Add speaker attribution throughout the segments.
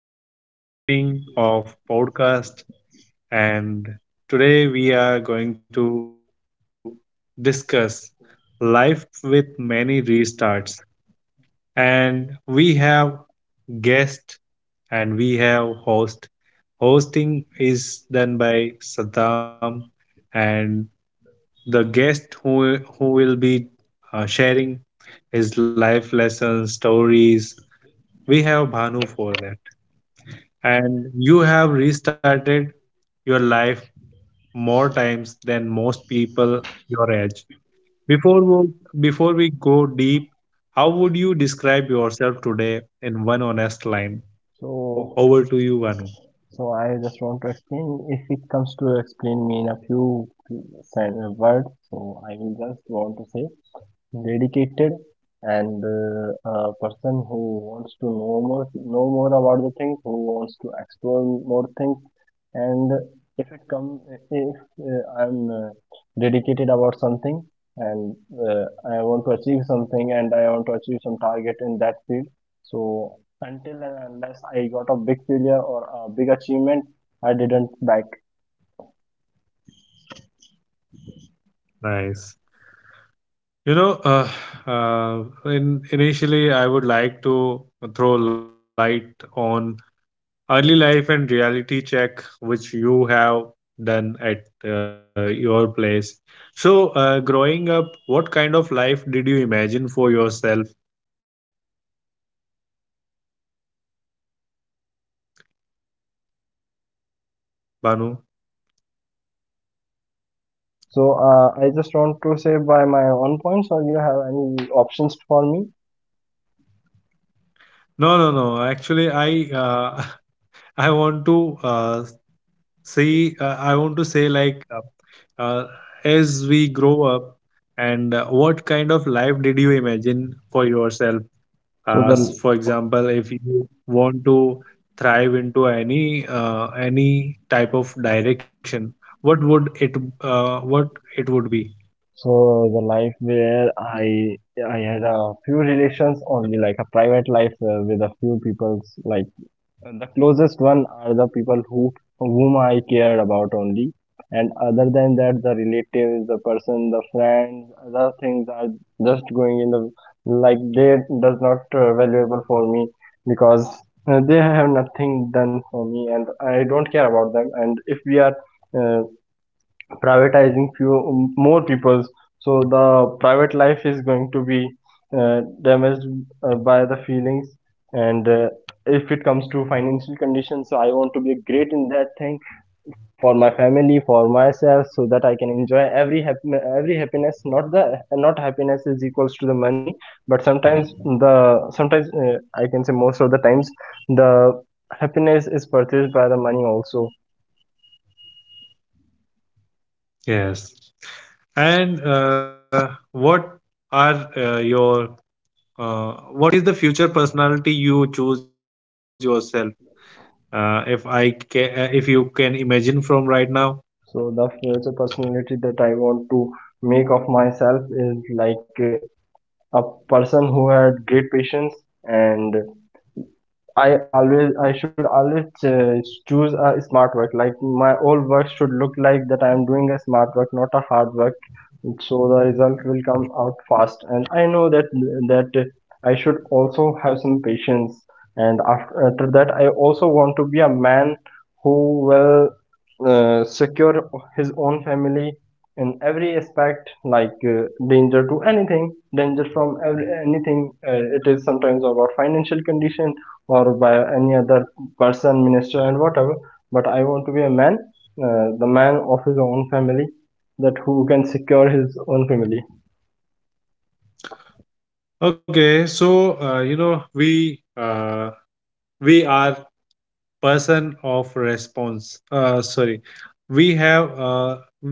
Speaker 1: this evening of podcast. And today we are going to discuss life with many restarts. And we have guest and we have host. Hosting is done by Saddam, and the guest who will be sharing his life lessons, stories. We have Bhanu for that. And you have restarted your life more times than most people your age. Before we, before we go deep, how would you describe yourself today in one honest line?
Speaker 2: So,
Speaker 1: Over to you, Vanu.
Speaker 2: so, I just want to explain. If it comes to explain me in a few words, so I will just want to say dedicated and a person who wants to know more about the things who wants to explore more things, and if it comes if I'm dedicated about something, and uh, I want to achieve something and I want to achieve some target in that field. So until and unless I got a big failure or a big achievement, I didn't back.
Speaker 1: Nice. You know, uh, uh, initially, I would like to throw light on early life and reality check which you have done at your place. So growing up, what kind of life did you imagine for yourself, Banu?
Speaker 2: So I just want to say by my own points, or you have any options for me?
Speaker 1: No, no, no, actually, I uh, I want to uh, see. I want to say, like, uh, as we grow up and what kind of life did you imagine for yourself?
Speaker 2: So the
Speaker 1: As for example, if you want to thrive into any type of direction, what would it what it would be?
Speaker 2: so the life where I had a few relations only, like a private life with a few people, like the closest one are the people whom I cared about only. And other than that, the relatives, the person, the friends, other things are just going in the, like, they does not valuable for me, because they have nothing done for me and I don't care about them. And if we are uh, privatizing few more peoples, so the private life is going to be damaged by the feelings. And if it comes to financial conditions, so I want to be great in that thing for my family, for myself, so that I can enjoy every happy every happiness. Not the, not happiness is equals to the money, but sometimes the sometimes I can say most of the times, the happiness is purchased by the money also.
Speaker 1: Yes. And what are your what is the future personality you choose yourself? If I ca- if you can imagine from right now.
Speaker 2: So the future personality that I want to make of myself is like a person who had great patience. And I should always choose a smart work. Like my old work should look like that I am doing a smart work, not a hard work. So the result will come out fast. And I know that I should also have some patience. And after that, I also want to be a man who will secure his own family in every aspect, like danger to anything, danger from every, anything. It is sometimes about financial condition or by any other person, minister and whatever, but I want to be a man, the man of his own family, that who can secure his own family.
Speaker 1: Okay, so you know, we are person of response sorry we have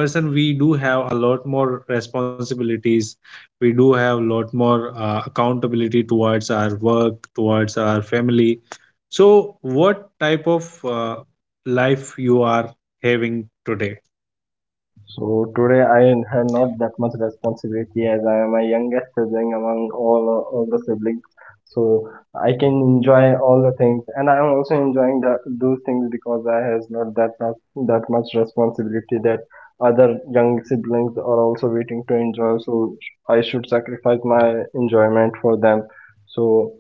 Speaker 1: as a person, we do have a lot more responsibilities. We do have a lot more accountability towards our work, towards our family. So what type of life you are having today?
Speaker 2: So today I have not that much responsibility, as I am a youngest sibling among all the siblings. So I can enjoy all the things, and I am also enjoying that, those things, because I has not that much responsibility that other young siblings are also waiting to enjoy. So I should sacrifice my enjoyment for them. So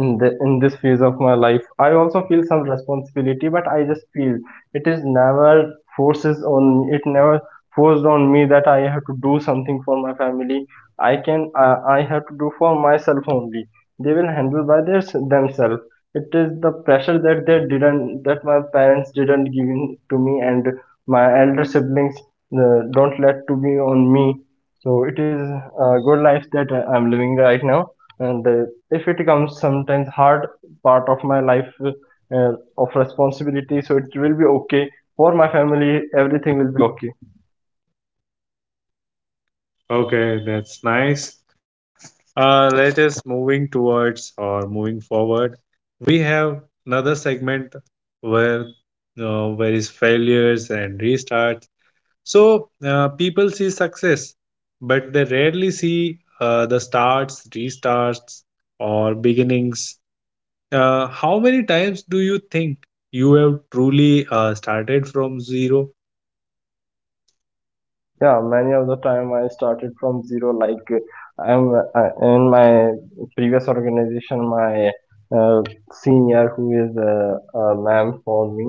Speaker 2: in the in this phase of my life, I also feel some responsibility, but I just feel it is never forces on, it never forced on me that I have to do something for my family. I can I have to do for myself only. They will handle by their themselves. It is the pressure that they didn't that my parents didn't give in to me, and my elder siblings don't let to be on me. So it is a good life that I'm living right now. And if it comes sometimes hard part of my life, of responsibility, so it will be okay. For my family, everything will be okay.
Speaker 1: Okay, that's nice. Let us moving towards or moving forward. We have another segment where where is failures and restarts. So people see success, but they rarely see the starts, restarts, or beginnings. How many times do you think you have truly started from zero?
Speaker 2: Yeah, many of the time I started from zero, like I'm in my previous organization, my uh, senior who is a ma'am for me,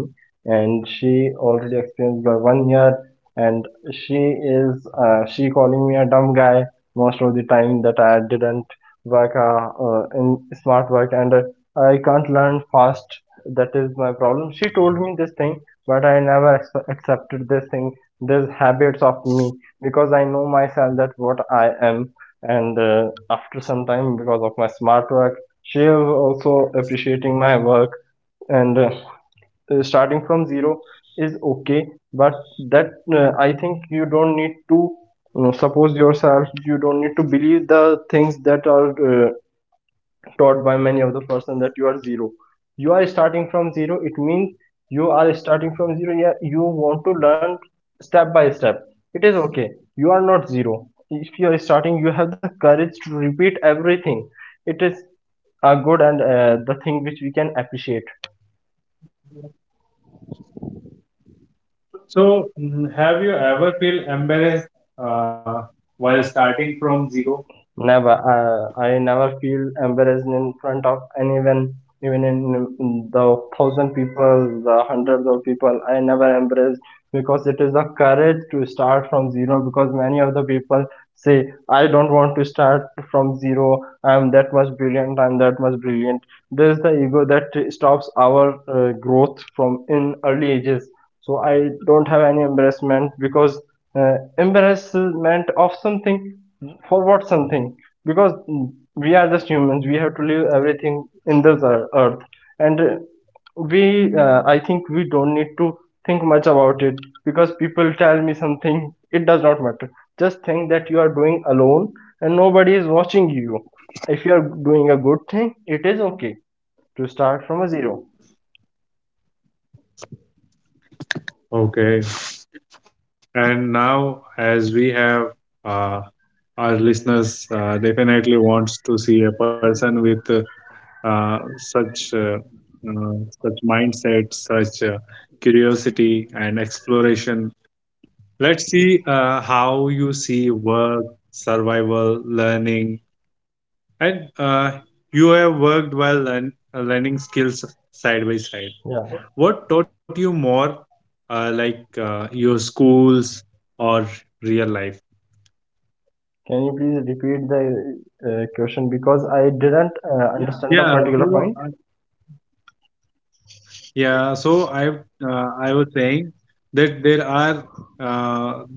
Speaker 2: and she already experienced by 1 year. And she is she calling me a dumb guy most of the time, that I didn't work in smart work, and I can't learn fast, that is my problem. She told me this thing, but I never accepted this thing, these habits of me, because I know myself that what I am. And after some time, because of my smart work, she is also appreciating my work. And starting from zero is okay, but that I think you don't need to, you know, suppose yourself, you don't need to believe the things that are uh, taught by many of the person, that you are zero. You are starting from zero, it means you are starting from zero. Yeah, you want to learn step by step, it is okay. You are not zero. If you are starting, you have the courage to repeat everything. It is a good, and the thing which we can appreciate.
Speaker 1: So, have you ever feel embarrassed uh, while starting from zero?
Speaker 2: Never. I never feel embarrassed in front of anyone, even in the thousand people, the hundreds of people. I never embarrassed, because it is a courage to start from zero. Because many of the people say, "I don't want to start from zero. I'm that much brilliant. I'm that much brilliant." There's the ego that stops our growth from in early ages. So I don't have any embarrassment, because embarrassment of something, for what something, because we are just humans, we have to live everything in this earth. And we I think we don't need to think much about it, because people tell me something, it does not matter. Just think that you are doing alone and nobody is watching you. If you are doing a good thing, it is okay to start from a zero.
Speaker 1: Okay, and now as we have uh, our listeners, definitely wants to see a person with uh, such uh, uh, such mindset, such curiosity and exploration. Let's see how you see work, survival, learning. And you have worked while learning skills side by side.
Speaker 2: Yeah,
Speaker 1: What taught you more, your schools or real life?
Speaker 2: can you please repeat the question, because I didn't understand the
Speaker 1: Yeah.
Speaker 2: particular
Speaker 1: So
Speaker 2: point?
Speaker 1: yeah. So I was saying that there are uh,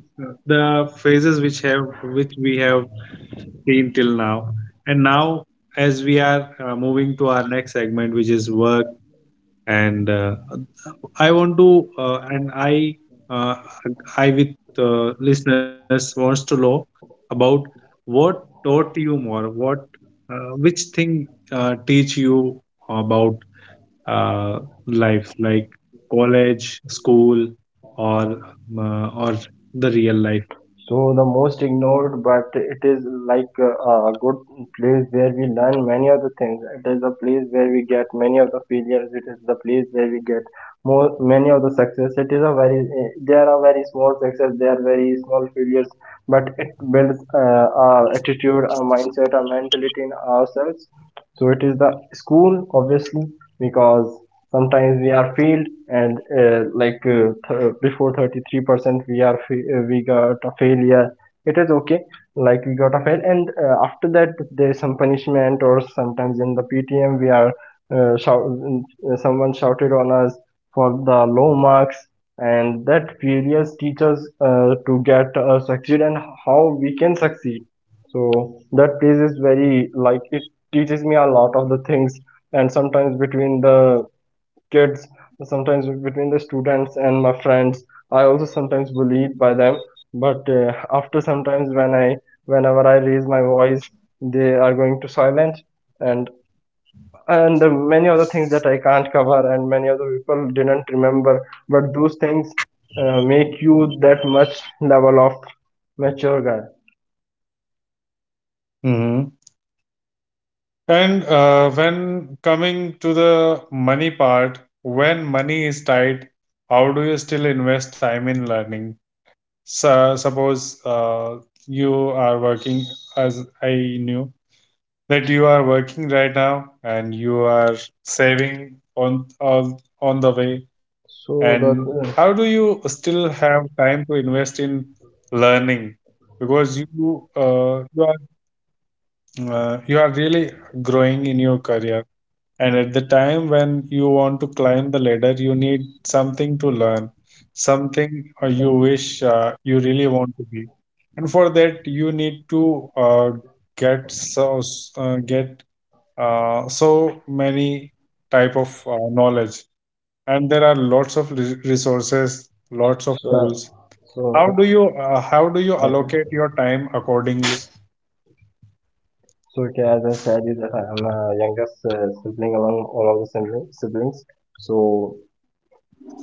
Speaker 1: the phases which have which we have seen till now, and now as we are moving to our next segment, which is work. And I want to, uh, and I, uh, I with listeners wants to know about what taught you more, which thing teach you about uh, life, like college, school, or or the real life.
Speaker 2: So the most ignored, but it is like a good place where we learn many of the things. It is a place where we get many of the failures. It is the place where we get more many of the success. It is a very eh, there are very small success, there are very small failures, but it builds a attitude, a mindset, a mentality in ourselves. So it is the school, obviously, because sometimes we are failed, and before 33% we are we got a failure, it is okay. Like we got a fail, and after that there is some punishment, or sometimes in the PTM we are someone shouted on us for the low marks. And that failures teach us to get succeed, and how we can succeed. So that place is very, like, it teaches me a lot of the things. And sometimes between the kids, sometimes between the students and my friends, I also sometimes bullied by them. But after sometimes when I whenever I raise my voice, they are going to silence. And many other things that I can't cover, and many other people didn't remember, but those things make you that much level of mature guy.
Speaker 1: Hmm. And when coming to the money part, when money is tight, how do you still invest time in learning? So suppose you are working, as I knew that you are working right now, and you are saving on the way.
Speaker 2: So
Speaker 1: And
Speaker 2: the
Speaker 1: how do
Speaker 2: uh,
Speaker 1: you still have time to invest in learning? Because you are really growing in your career, and at the time when you want to climb the ladder, you need something to learn, something you really want to be. And for that, you need to get so get so many type of knowledge. And there are lots of
Speaker 2: so,
Speaker 1: resources, lots of
Speaker 2: so
Speaker 1: tools. How do you
Speaker 2: Okay,
Speaker 1: allocate your time accordingly?
Speaker 2: so okay, as I said you that I am a youngest sibling among all of the siblings. So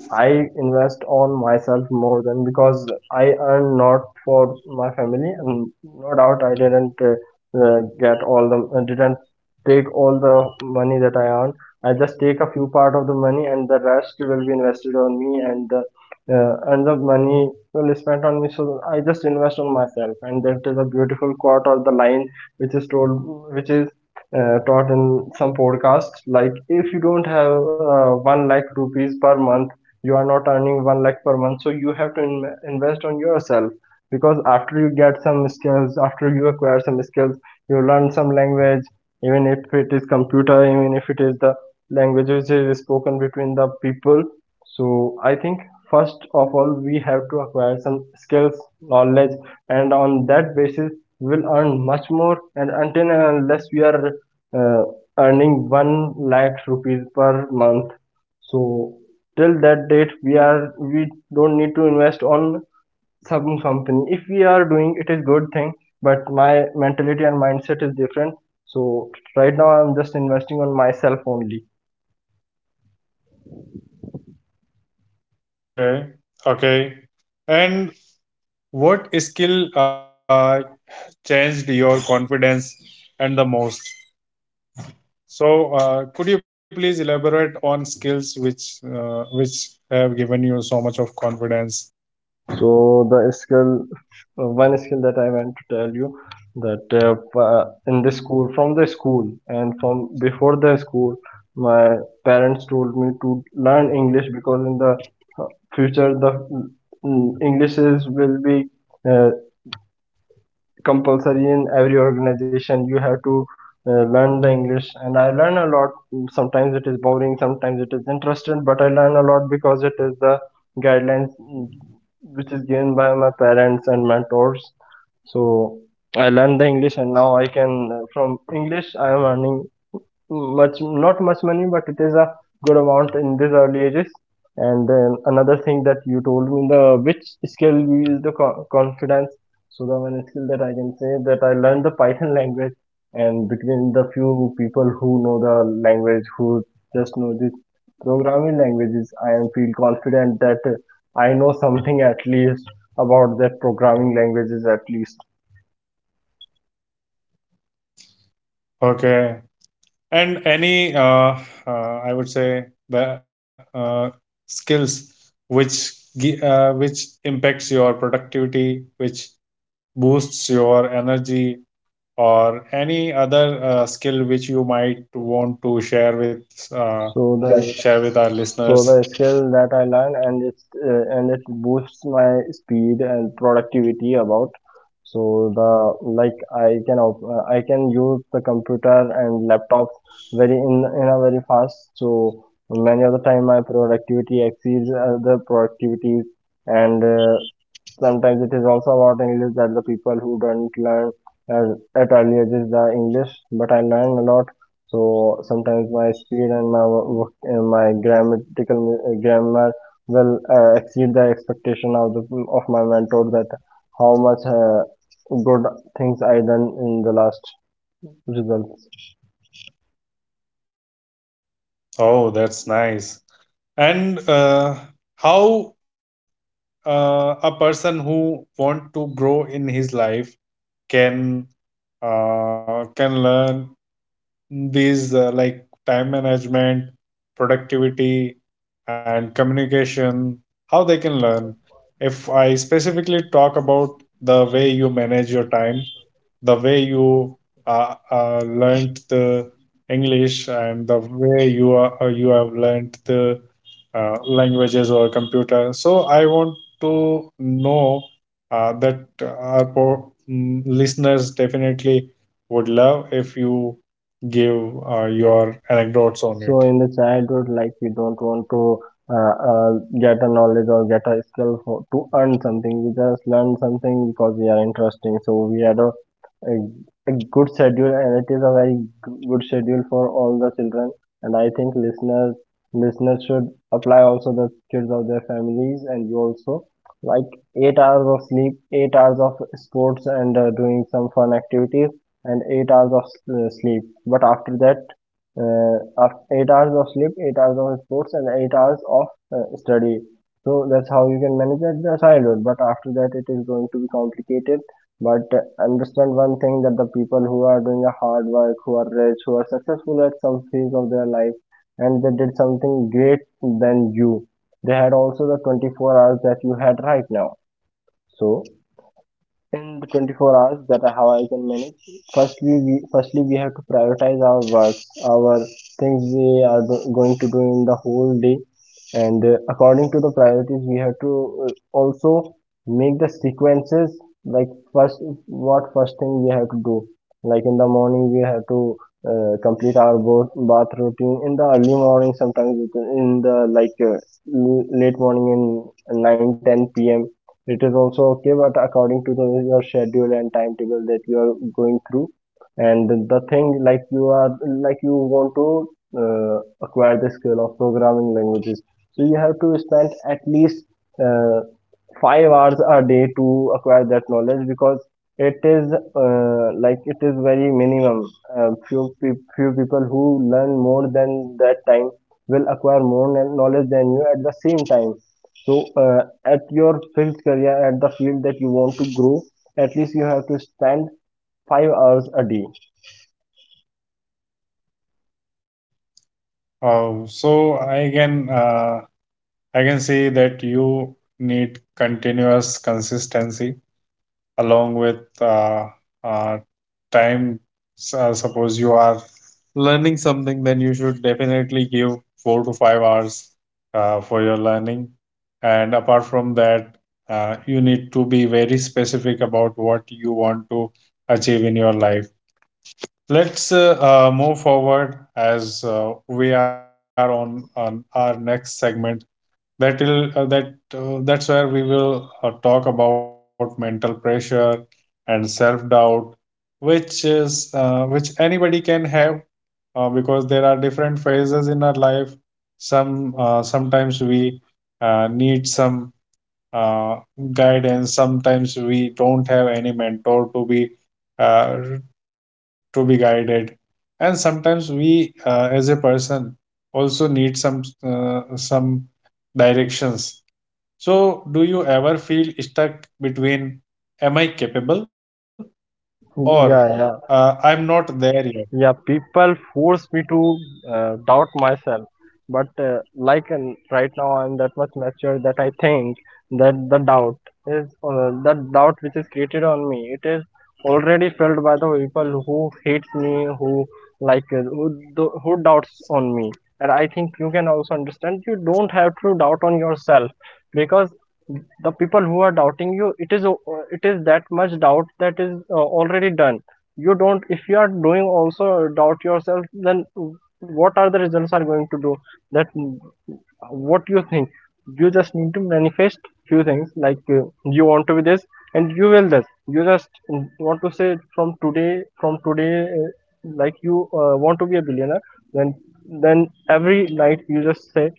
Speaker 2: I invest on myself more, than because I earn not for my family, and no doubt I didn't get all the didn't take all the money that I earn. I just take a few part of the money, and the rest will be invested on me, and the and the money will spent on me. So I just invest on myself, and that is a beautiful quote or the line which is told, which is taught in some podcasts, like if you don't have 1 lakh rupees per month, you are not earning 1 lakh per month, so you have to invest on yourself. Because after you get some skills, after you acquire some skills, you learn some language, even if it is computer, even if it is the language which is spoken between the people. So I think first of all we have to acquire some skills, knowledge, and on that basis we will earn much more. And until and unless we are uh, earning 1 lakh rupees per month, so till that date we are, we don't need to invest on some company. If we are doing, it is good thing, but my mentality and mindset is different. So right now I'm just investing on myself only.
Speaker 1: Okay, okay. And what skill changed your confidence and the most. So, could you please elaborate on skills which have given you so much of confidence?
Speaker 2: So the skill, one skill that I want to tell you, that in the school, from the school and from before the school, my parents told me to learn English, because in the uh, future the English is will be uh, compulsory in every organization. You have to learn the English. And I learn a lot, sometimes it is boring, sometimes it is interesting, but I learn a lot because it is the guidelines, which is given by my parents and mentors. So I learned the English, and now I can from English I am earning much, not much money, but it is a good amount in these early ages. And then another thing that you told me, the which skill gives the confidence. So the one skill that I can say that I learned the Python language, and between the few people who know the language, who just know this programming languages, I am feel confident that I know something at least about that programming languages at least.
Speaker 1: Okay, and any I would say the skills which which impacts your productivity, which boosts your energy, or any other skill which you might want to share with uh,
Speaker 2: So the
Speaker 1: share with our
Speaker 2: so
Speaker 1: listeners.
Speaker 2: the skill that I learned and it boosts my speed and productivity about. So the like I can op- I can use the computer and laptops very in a very fast. So many of the time my productivity exceeds other productivities, and sometimes it is also about English that the people who don't learn as at early ages the English, but I learn a lot. So sometimes my speed and my grammatical grammar will exceed the expectation of the of my mentor that how much good things I done in the last results.
Speaker 1: Oh, that's nice. And how a person who want to grow in his life can can learn these , like time management, productivity, and communication, how they can learn. If I specifically talk about the way you manage your time, the way you learned the English, and the way you are, you have learned the languages or computer. So I want to know that our listeners definitely would love if you give your anecdotes on it.
Speaker 2: So in the childhood, like we don't want to uh, uh, get a knowledge or get a skill for, to earn something. We just learn something because we are interesting. So we had a a good schedule, and it is a very good schedule for all the children. And I think listeners should apply also the kids of their families, and you also like 8 hours of sleep, 8 hours of sports and doing some fun activities, and 8 hours of sleep. But after that uh, 8 hours of sleep, 8 hours of sports, and 8 hours of study. So that's how you can manage at the childhood. But after that, it is going to be complicated. But understand one thing that the people who are doing a hard work, who are rich, who are successful at some phase of their life, and they did something great than you, they had also the 24 hours that you had right now. So in the 24 hours that are how I can manage. Firstly, firstly we have to prioritize our work, our things we are going to do in the whole day, and according to the priorities, we have to also make the sequences. Like first, what first thing we have to do? Like in the morning, we have to complete our bath routine. In the early morning, sometimes in the like late morning in 9 10 p.m, it is also okay but according to the your schedule and timetable that you are going through and the thing like you are like you want to uh, acquire the skill of programming languages. So you have to spend at least uh, 5 hours a day to acquire that knowledge because it is like it is very minimum few few people who learn more than that time will acquire more knowledge than you at the same time. So, at your field career, at the field that you want to grow, at least you have to spend 5 hours a day.
Speaker 1: So I can see that you need continuous consistency along with uh, time. So suppose you are learning something, then you should definitely give 4 to 5 hours for your learning. And apart from that, you need to be very specific about what you want to achieve in your life. Let's move forward as we are on our next segment. That's where we will talk about mental pressure and self doubt, which is which anybody can have because there are different phases in our life. Some sometimes we need some uh, guidance. Sometimes we don't have any mentor uh, to be guided, and sometimes we, as a person, also need some directions. So, do you ever feel stuck between "Am I capable?" or
Speaker 2: Yeah, yeah.
Speaker 1: "I'm not there yet"?
Speaker 2: Yeah, people force me to doubt myself, but like and right now I'm that much mature that I think that the doubt is that doubt which is created on me, it is already felt by the people who hates me, who like who, who doubts on me. And I think you can also understand you don't have to doubt on yourself, because the people who are doubting you, it is it is that much doubt that is already done. You don't, if you are doing also doubt yourself, then what are the results are going to do, that what you think. You just need to manifest few things like you want to be this and you will this. You just want to say from today, like you want to be a billionaire, then then every night you just say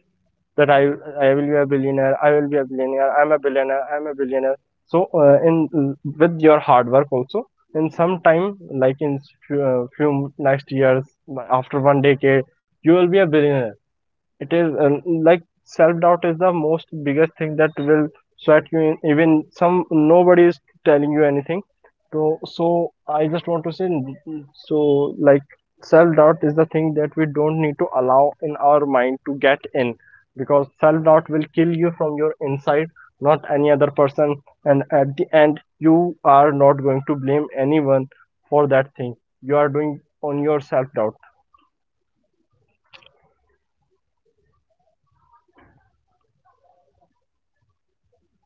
Speaker 2: that I will be a billionaire. I will be a billionaire. I'm a billionaire. I'm a billionaire. So in with your hard work also, in some time like in few, few next years, after one decade you will be a billionaire. It is like self doubt is the most biggest thing that will sweat you in even some nobody is telling you anything. So so I just want to say, so like self doubt is the thing that we don't need to allow in our mind to get in, because self doubt will kill you from your inside, not any other person. And at the end you are not going to blame anyone for that thing you are doing on your self doubt.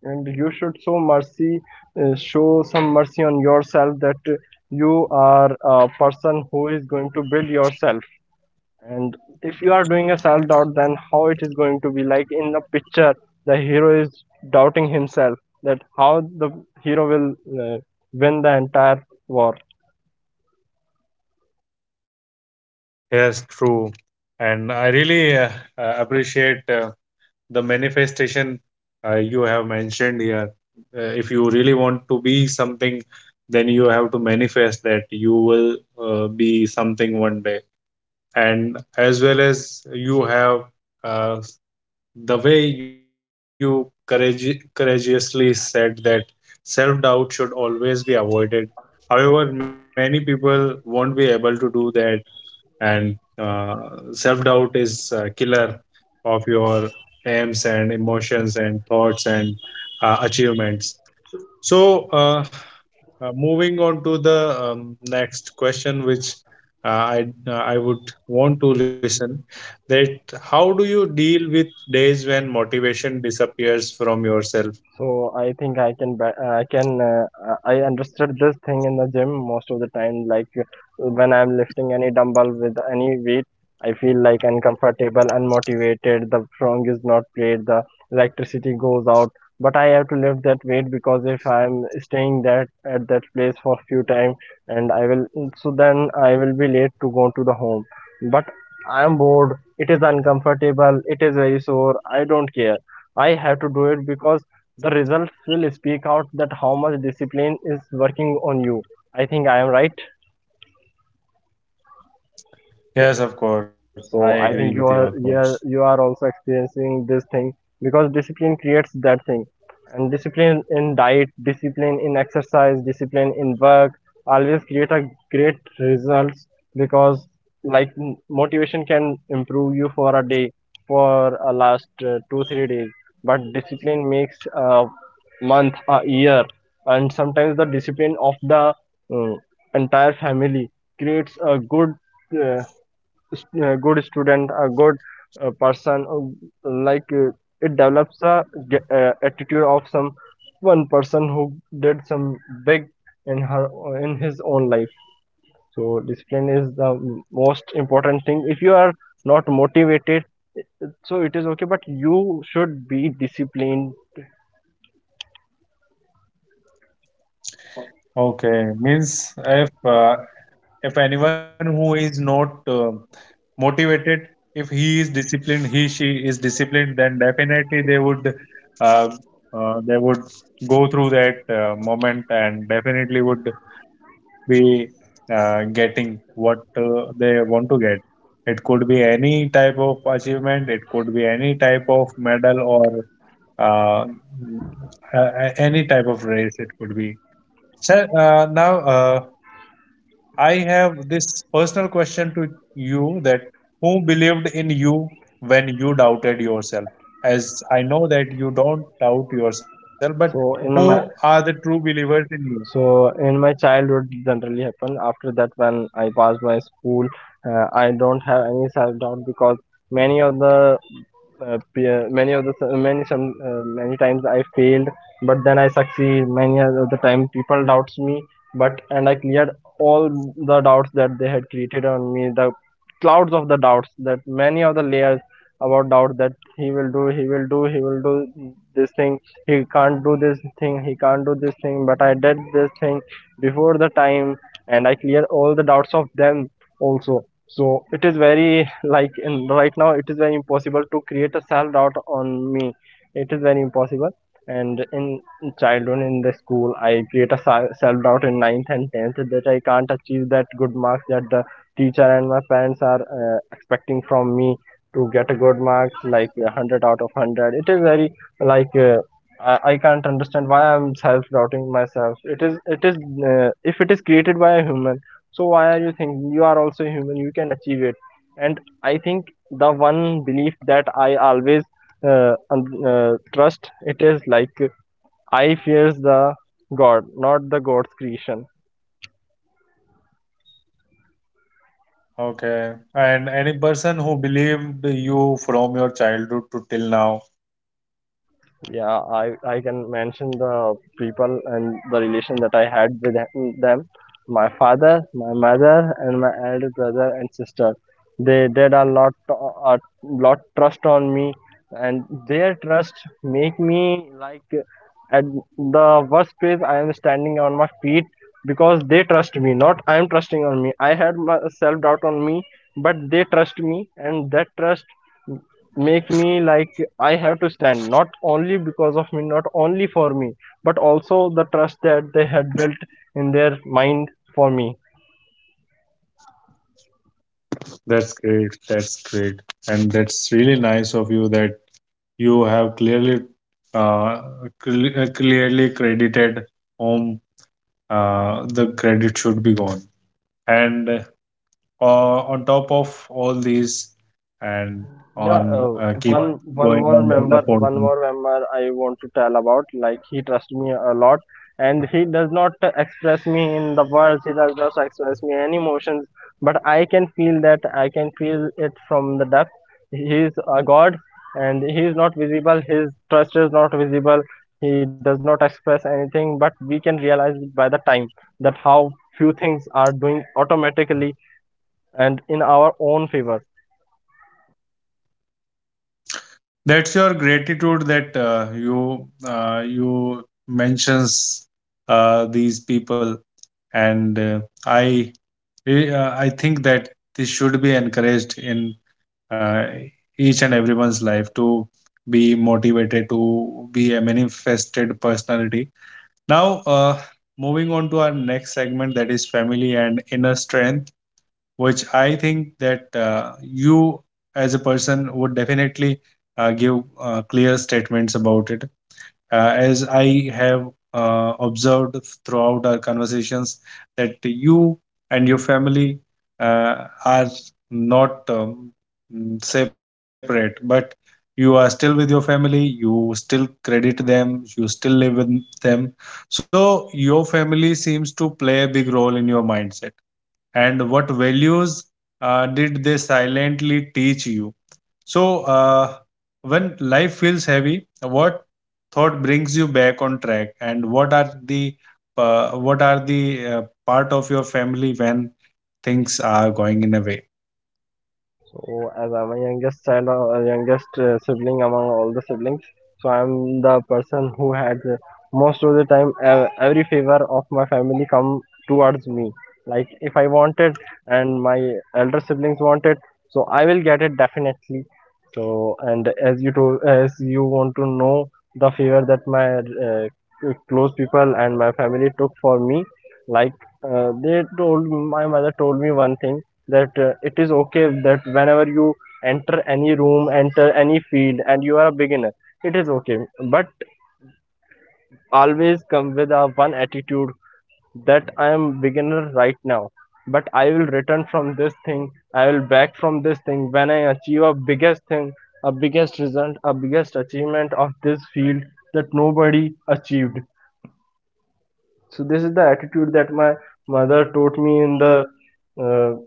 Speaker 2: And you should show mercy, show some mercy on yourself, that you are a person who is going to build yourself. And if you are doing a self doubt, then how it is going to be like in the picture the hero is doubting himself, that how the hero will uh, win the entire war.
Speaker 1: Yes, true. And I really appreciate. The manifestation you have mentioned here, if you really want to be something, then you have to manifest that you will be something one day. And as well as you have uh, the way you courageously said that self doubt should always be avoided. However, many people won't be able to do that. And self doubt is a killer of your aims and emotions and thoughts and achievements. So moving on to the next question, which I would want to listen, that how do you deal with days when motivation disappears from yourself?
Speaker 2: So I think I can I can I understood this thing in the gym most of the time. Like when I'm lifting any dumbbell with any weight, I feel like uncomfortable, unmotivated. The strong is not great. The electricity goes out. But I have to lift that weight because if I'm staying that at that place for few time, and I will so then I will be late to go to the home. But I'm bored. It is uncomfortable. It is very sore. I don't care. I have to do it because the results will speak out that how much discipline is working on you. I think I am right.
Speaker 1: Yes, of course. I
Speaker 2: So I
Speaker 1: agree
Speaker 2: think
Speaker 1: with
Speaker 2: you
Speaker 1: your
Speaker 2: are
Speaker 1: thoughts.
Speaker 2: you are also experiencing this thing, because discipline creates that thing. And discipline in diet, discipline in exercise, discipline in work always create a great results, because like motivation can improve you for a day, for a last 2 3 days, but discipline makes a month, a year. And sometimes the discipline of the uh, entire family creates a good uh, good student, a good person, like it develops a attitude of some one person who did some big in her in his own life. So discipline is the most important thing. If you are not motivated, so it is okay, but you should be disciplined.
Speaker 1: Okay, means if anyone who is not motivated, if he is disciplined, he she is disciplined, then definitely uh, they would go through that moment and definitely would be getting what they want to get. It could be any type of achievement, it could be any type of medal or uh, any type of race. It could be. So now I have this personal question to you, that who believed in you when you doubted yourself? As I know that you don't doubt yourself, but
Speaker 2: so
Speaker 1: who
Speaker 2: in
Speaker 1: are
Speaker 2: my
Speaker 1: the true believers in you?
Speaker 2: so in my childhood generally happened after that when I passed my school, I don't have any self doubt because many of the many of the many some many times I failed but then I succeed. Many of the time people doubts me, but and I cleared all the doubts that they had created on me, the clouds of the doubts that many of the layers about doubt, that he will do, he will do, he will do this thing, he can't do this thing, he can't do this thing, but I did this thing before the time, and I cleared all the doubts of them also. So it is very like in right now it is very impossible to create a self doubt on me. It is very impossible. And in childhood in the school I create a self doubt in ninth and 10th that I can't achieve that good marks that the teacher and my parents are expecting from me, to get a good marks like a 100 out of 100. It is very like I can't understand why I'm self-doubting myself. It is, if it is created by a human, so why are you thinking, you are also human, you can achieve it. And I think the one belief that I always trust, it is like I fears the god, not the god's creation.
Speaker 1: Okay. And any person who believed you from your childhood to till now.
Speaker 2: Yeah, I can mention the people and the relation that I had with them. My father, my mother, and my elder brother and sister, they did a lot, a lot trust on me. And their trust make me like at the worst place I am standing on my feet, because they trust me, not I am trusting on me. I had my self doubt on me, but they trust me, and that trust make me like I have to stand not only because of me, not only for me, but also the trust that they had built in their mind for me.
Speaker 1: That's great. That's great. And that's really nice of you that you have clearly uh, clearly credited whom the credit should be gone. And on top of all these, and
Speaker 2: Yeah,
Speaker 1: on keep
Speaker 2: one
Speaker 1: going
Speaker 2: more
Speaker 1: into the
Speaker 2: member, one
Speaker 1: portal.
Speaker 2: more member I want to tell about. Like he trusts me a lot, and he does not express me in the words. He does not express me any emotions, but I can feel that. I can feel it from the depth. He is a god, and he is not visible. His trust is not visible. He does not express anything, but we can realize by the time that how few things are doing automatically and in our own favor.
Speaker 1: That's your gratitude that you mentions these people. And I I think that this should be encouraged in uh, each and everyone's life, to be motivated, to be a manifested personality. Now, moving on to our next segment, that is family and inner strength, which I think that you as a person would definitely give clear statements about it, as I have observed throughout our conversations that you and your family are not separate, but you are still with your family, you still credit them, you still live with them. So, your family seems to play a big role in your mindset. And what values did they silently teach you? So, when life feels heavy, what thought brings you back on track, and what are the uh, what are the uh, part of your family when things are going in a way?
Speaker 2: So, as I'm a youngest child or a youngest sibling among all the siblings, so I'm the person who had most of the time every favor of my family come towards me. Like if I want it and my elder siblings want it, so I will get it definitely. So, and as you told, as you want to know the favor that my close people and my family took for me, like they told my mother told me one thing, that it is okay that whenever you enter any room, enter any field and you are a beginner, it is okay, but always come with a one attitude, that I am beginner right now, but I will return from this thing, I will back from this thing when I achieve a biggest thing, a biggest result, a biggest achievement of this field that nobody achieved. So this is the attitude that my mother taught me in the uh,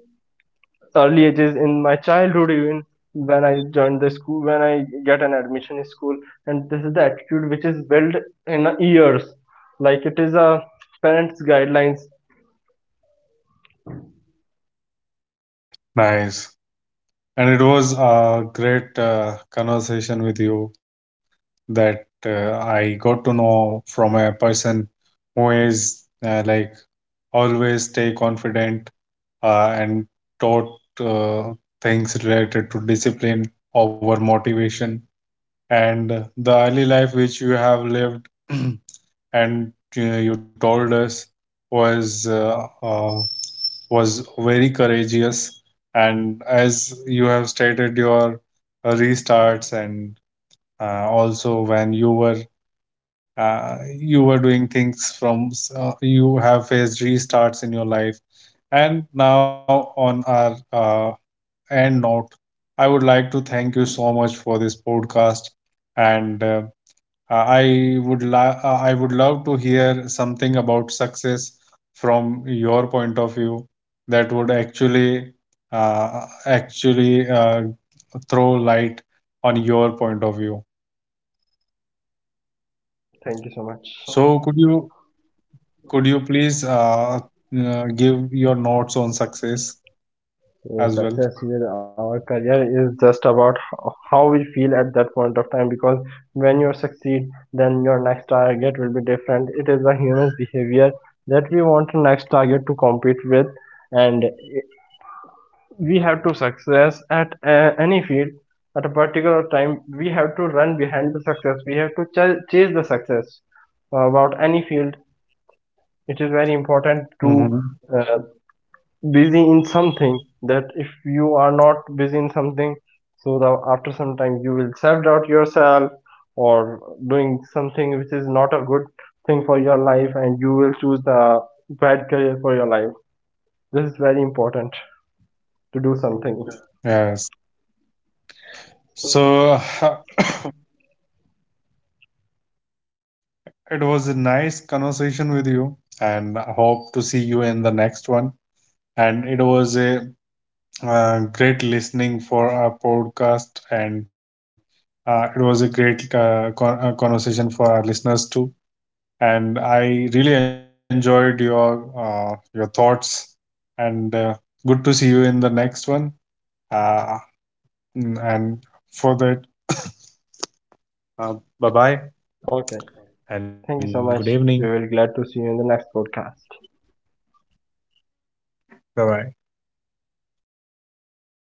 Speaker 2: early ages in my childhood, even when I joined the school, when I get an admission in school. And this is the attitude which is built in years, like it is a parents guidelines.
Speaker 1: Nice. And it was a great conversation with you, that I got to know from a person who is , like, always stay confident and taught uh, things related to discipline over motivation and the early life which you have lived and you told us was uh, uh, was very courageous. And as you have stated your restarts, and also when you were doing things from you have faced restarts in your life. And now on our end note, I would like to thank you so much for this podcast. And I would love to hear something about success from your point of view, that would actually uh, actually uh, throw light on your point of view. So could you please give your notes on success as well?
Speaker 2: Success in our career is just about how we feel at that point of time, because when you succeed then your next target will be different. It is a human behavior that we want the next target to compete with. And we have to success at any field, at a particular time we have to run behind the success, we have to chase the success, about any field. It is very important to
Speaker 1: Hmm.
Speaker 2: uh, busy in something, that if you are not busy in something, so the, after some time you will self-doubt yourself, or doing something which is not a good thing for your life, and you will choose the bad career for your life. This is very important, to do something.
Speaker 1: Yes. So it was a nice conversation with you, and I hope to see you in the next one. And it was a great listening for our podcast, and it was a great conversation for our listeners too. And I really enjoyed your thoughts. And good to see you in the next one. Uh, and for that uh, Bye bye.
Speaker 2: Okay.
Speaker 1: And good
Speaker 2: Thank you so
Speaker 1: evening.
Speaker 2: much. We will be glad to see you in the next podcast.
Speaker 1: Bye bye.